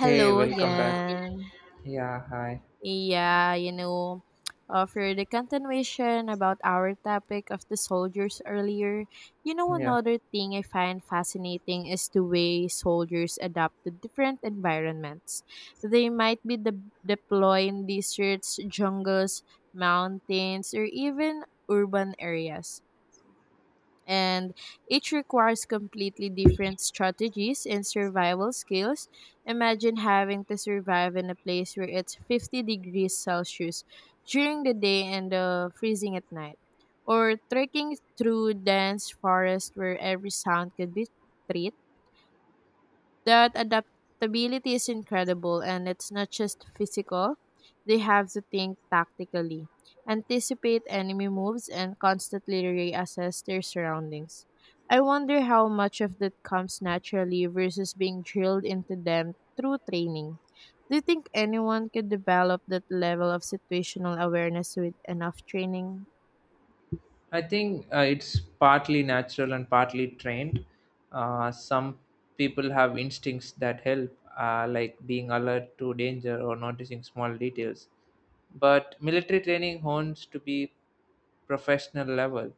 Hey, welcome back. again. Yeah, hi. Yeah, you know, for the continuation about our topic of the soldiers earlier, you know, Yeah, another thing I find fascinating is the way soldiers adapt to different environments. They might be deployed in deserts, jungles, mountains, or even urban areas and each requires completely different strategies and survival skills. Imagine having to survive in a place where it's 50 degrees Celsius during the day and freezing at night, or trekking through dense forest where every sound could be treated, that adaptability is incredible and it's not just physical. They have to think tactically, anticipate enemy moves, and constantly reassess their surroundings. I wonder how much of that comes naturally versus being drilled into them through training. Do you think anyone could develop that level of situational awareness with enough training? I think it's partly natural and partly trained. Some people have instincts that help, like being alert to danger or noticing small details. But military training hones to be professional level.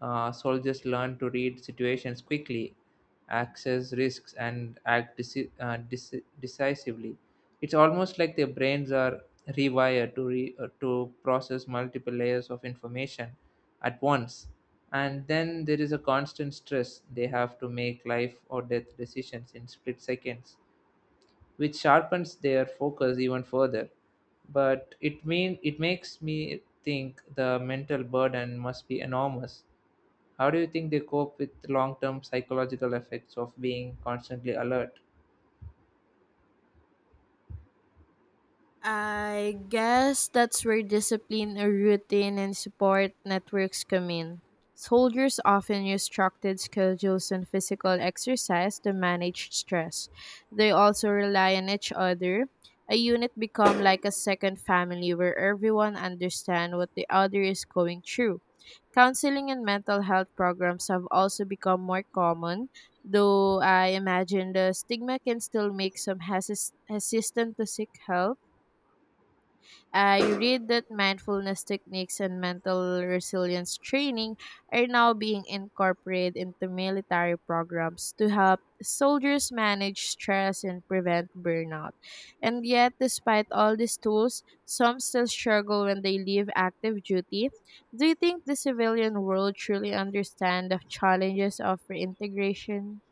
Soldiers learn to read situations quickly, access risks, and act decisively. It's almost like their brains are rewired to process multiple layers of information at once. And then there is a constant stress. They have to make life or death decisions in split seconds which sharpens their focus even further. But it makes me think the mental burden must be enormous. How do you think they cope with long-term psychological effects of being constantly alert? I guess that's where discipline, a routine, and support networks come in. Soldiers often use structured schedules and physical exercise to manage stress. They also rely on each other. A unit become like a second family where everyone understands what the other is going through. Counseling and mental health programs have also become more common, though I imagine the stigma can still make some hesitant to seek help. I read that mindfulness techniques and mental resilience training are now being incorporated into military programs to help soldiers manage stress and prevent burnout. And yet, despite all these tools, some still struggle when they leave active duty. Do you think the civilian world truly understands the challenges of reintegration?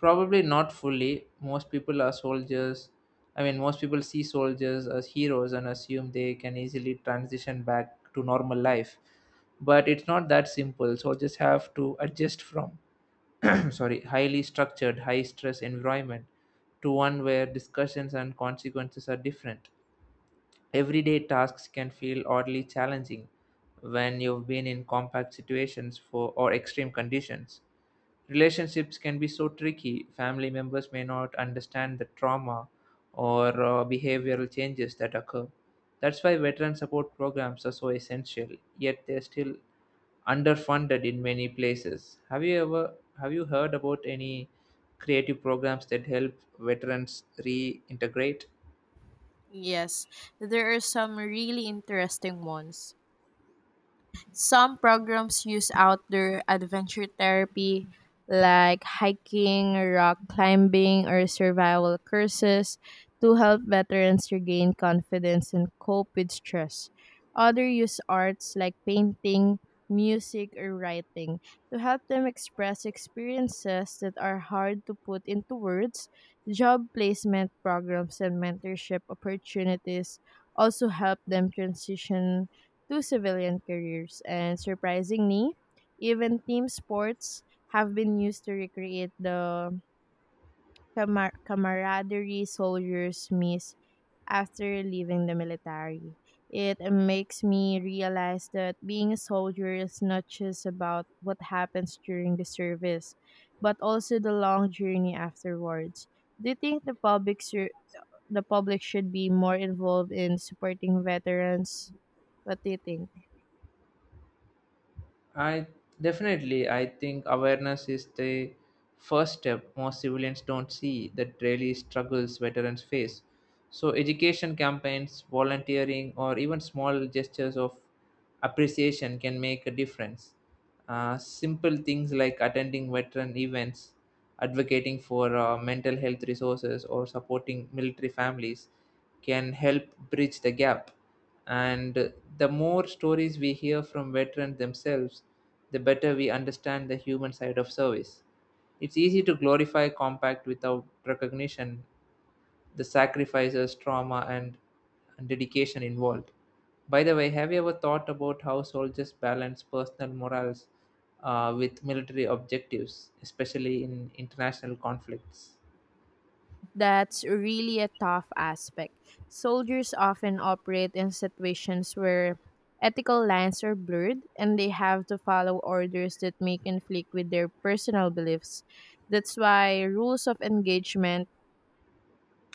Probably not fully. Most people are soldiers. I mean, most people see soldiers as heroes and assume they can easily transition back to normal life. But it's not that simple. Soldiers have to adjust from sorry, highly structured high stress environment to one where discussions and consequences are different. Everyday tasks can feel oddly challenging when you've been in compact situations for or extreme conditions. Relationships can be so tricky, family members may not understand the trauma or behavioral changes that occur. That's why veteran support programs are so essential, yet they're still underfunded in many places. Have you heard about any creative programs that help veterans reintegrate? Yes, there are some really interesting ones. Some programs use outdoor adventure therapy like hiking, rock climbing, or survival courses to help veterans regain confidence and cope with stress. Other use arts like painting, music, or writing to help them express experiences that are hard to put into words. Job placement programs and mentorship opportunities also help them transition to civilian careers. And surprisingly, even team sports have been used to recreate the camaraderie soldiers miss after leaving the military. It makes me realize that being a soldier is not just about what happens during the service, but also the long journey afterwards. Do you think the public should be more involved in supporting veterans? What do you think? I I think awareness is the first step. Most civilians don't see the daily struggles veterans face. So, education campaigns, volunteering, or even small gestures of appreciation can make a difference. Simple things like attending veteran events, advocating for mental health resources, or supporting military families can help bridge the gap. And the more stories we hear from veterans themselves, the better we understand the human side of service. It's easy to glorify compact without recognition the sacrifices, trauma, and dedication involved. By the way, have you ever thought about how soldiers balance personal morals with military objectives, especially in international conflicts? That's really a tough aspect. Soldiers often operate in situations where ethical lines are blurred and they have to follow orders that may conflict with their personal beliefs. That's why rules of engagement,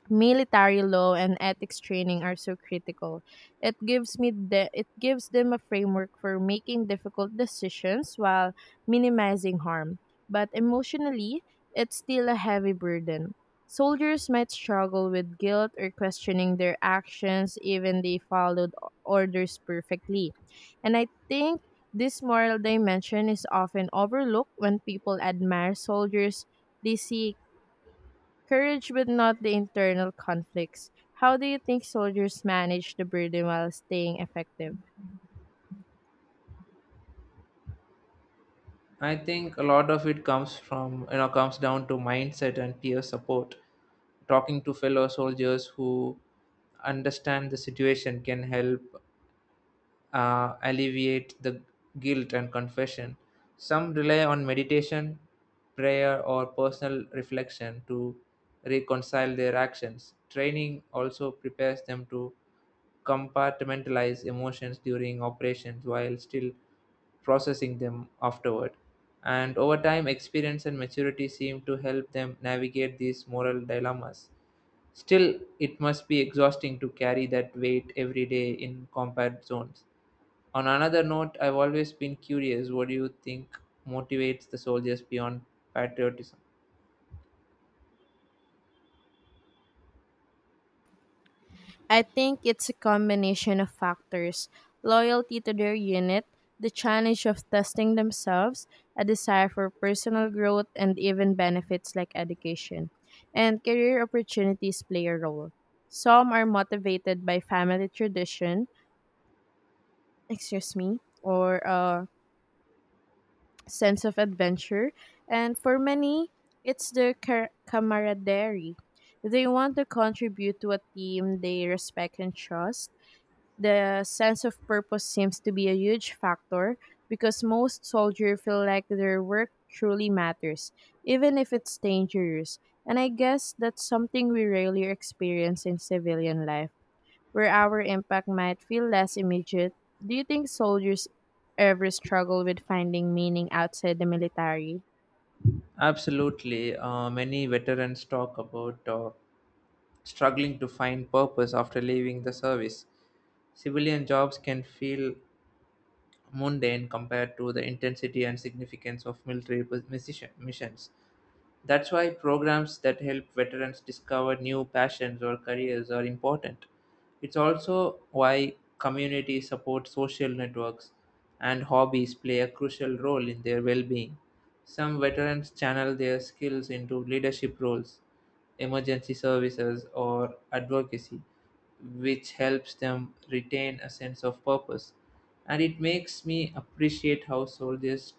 military law and ethics training are so critical. It gives them a framework for making difficult decisions while minimizing harm. But emotionally, it's still a heavy burden. Soldiers might struggle with guilt or questioning their actions even they followed orders perfectly. And I think this moral dimension is often overlooked. When people admire soldiers they see courage, but not the internal conflicts. How do you think soldiers manage the burden while staying effective? I think a lot of it comes from you know comes down to mindset and peer support. Talking to fellow soldiers who understand the situation can help alleviate the guilt and confession. Some rely on meditation, prayer, or personal reflection to reconcile their actions. Training also prepares them to compartmentalize emotions during operations while still processing them afterward. And over time, experience and maturity seem to help them navigate these moral dilemmas. Still, it must be exhausting to carry that weight every day in combat zones. On another note, I've always been curious, what do you think motivates the soldiers beyond patriotism? I think it's a combination of factors: loyalty to their unit, the challenge of testing themselves, a desire for personal growth, and even benefits like education. And career opportunities play a role. Some are motivated by family tradition, excuse me, or a sense of adventure. And for many, it's their camaraderie. They want to contribute to a team they respect and trust. The sense of purpose seems to be a huge factor because most soldiers feel like their work truly matters, even if it's dangerous. And I guess that's something we rarely experience in civilian life, where our impact might feel less immediate. Do you think soldiers ever struggle with finding meaning outside the military? Absolutely. Many veterans talk about struggling to find purpose after leaving the service. Civilian jobs can feel mundane compared to the intensity and significance of military missions. That's why programs that help veterans discover new passions or careers are important. It's also why community support, social networks, and hobbies play a crucial role in their well being. Some veterans channel their skills into leadership roles, emergency services, or advocacy, which helps them retain a sense of purpose. And it makes me appreciate how soldiers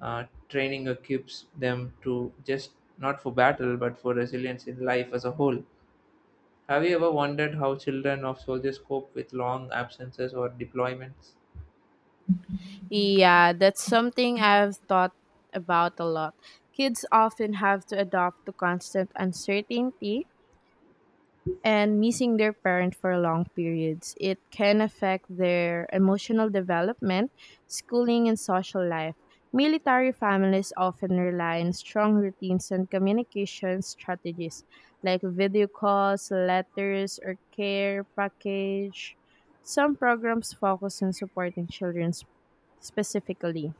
training equips them to, just not for battle but for resilience in life as a whole. Have you ever wondered how children of soldiers cope with long absences or deployments? Yeah, that's something I've thought about a lot. Kids often have to adapt to constant uncertainty and missing their parent for long periods. It can affect their emotional development, schooling, and social life. Military families often rely on strong routines and communication strategies like video calls, letters, or care package. Some programs focus on supporting children specifically,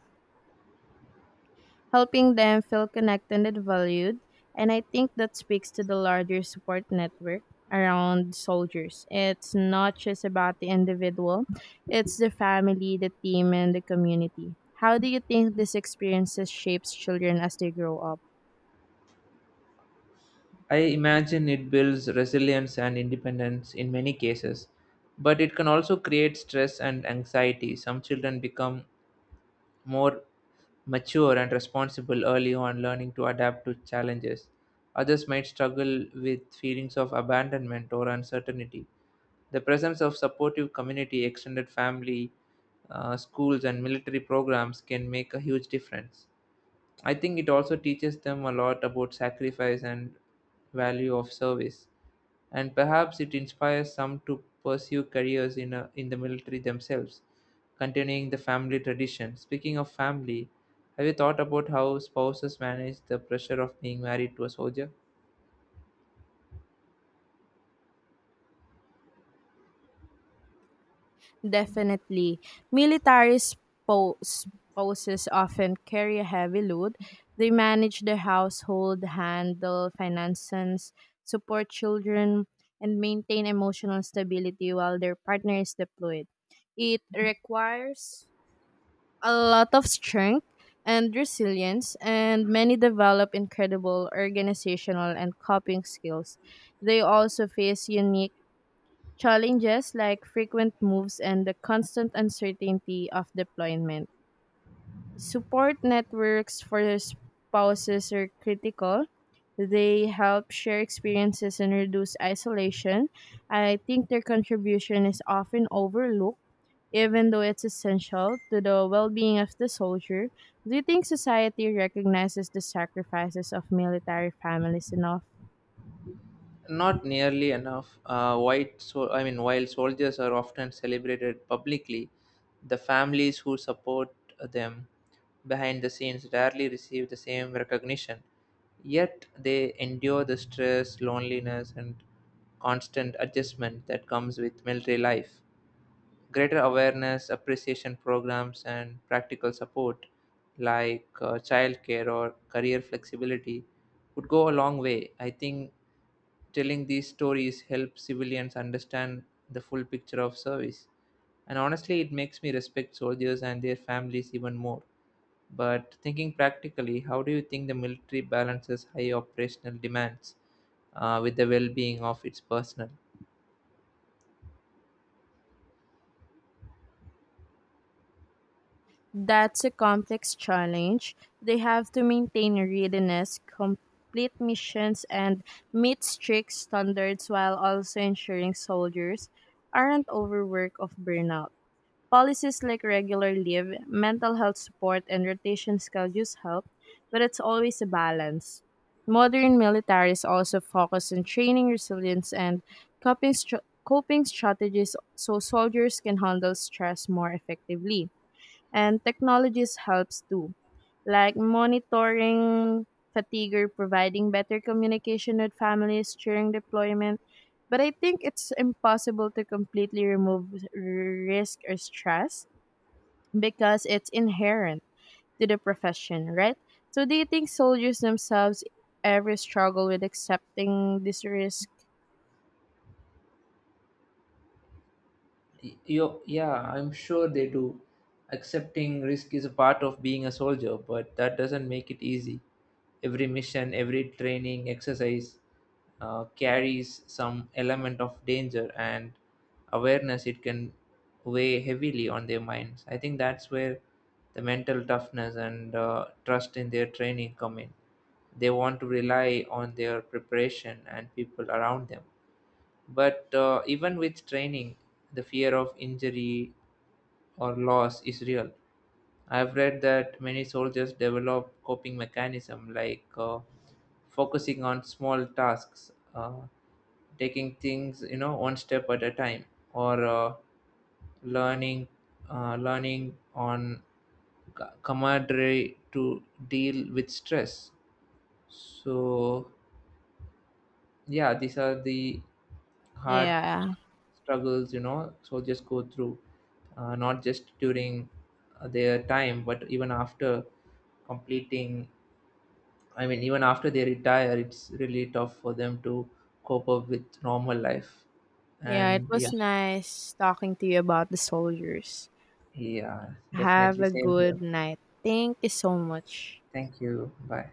helping them feel connected and valued. And I think that speaks to the larger support network around soldiers. It's not just about the individual, it's the family, the team, and the community. How do you think these experiences shapes children as they grow up? I imagine it builds resilience and independence in many cases, but it can also create stress and anxiety. Some children become more mature and responsible early on, learning to adapt to challenges. Others might struggle with feelings of abandonment or uncertainty. The presence of supportive community, extended family, schools, and military programs can make a huge difference. I think it also teaches them a lot about sacrifice and value of service, and perhaps it inspires some to pursue careers in the military themselves, continuing the family tradition. Speaking of family, have you thought about how spouses manage the pressure of being married to a soldier? Definitely. Military spouses often carry a heavy load. They manage the household, handle finances, support children, and maintain emotional stability while their partner is deployed. It requires a lot of strength and resilience, and many develop incredible organizational and coping skills. They also face unique challenges like frequent moves and the constant uncertainty of deployment. Support networks for spouses are critical. They help share experiences and reduce isolation. I think their contribution is often overlooked, even though it's essential to the well being of the soldier. Do you think society recognizes the sacrifices of military families enough? Not nearly enough. White, so I mean, while soldiers are often celebrated publicly, the families who support them behind the scenes rarely receive the same recognition. Yet they endure the stress, loneliness, and constant adjustment that comes with military life. Greater awareness, appreciation programs, and practical support like childcare or career flexibility would go a long way. I think telling these stories helps civilians understand the full picture of service. And honestly, it makes me respect soldiers and their families even more. But thinking practically, how do you think the military balances high operational demands with the well being of its personnel? That's a complex challenge. They have to maintain readiness, complete missions, and meet strict standards while also ensuring soldiers aren't overworked of burnout. Policies like regular leave, mental health support, and rotation schedules help, but it's always a balance. Modern militaries also focus on training resilience and coping strategies so soldiers can handle stress more effectively, and technologies helps too, like monitoring fatigue or providing better communication with families during deployment. But I think it's impossible to completely remove risk or stress, because it's inherent to the profession, right? So do you think soldiers themselves ever struggle with accepting this risk? Yo, yeah, I'm sure they do. Accepting risk is a part of being a soldier, but that doesn't make it easy. Every mission, every training exercise carries some element of danger, and awareness, it can weigh heavily on their minds. I think that's where the mental toughness and trust in their training come in. They want to rely on their preparation and people around them. But even with training, the fear of injury or loss is real. I've read that many soldiers develop coping mechanism like focusing on small tasks, taking things, you know, one step at a time, or learning learning on camaraderie to deal with stress. So yeah, these are the hard yeah struggles, you know, soldiers go through, not just during their time but even after completing, I mean even after they retire it's really tough for them to cope up with normal life. yeah, it And was yeah. nice talking to you about the soldiers. Yeah, Have definitely, a same here. good night. Thank you so much. Thank you, bye.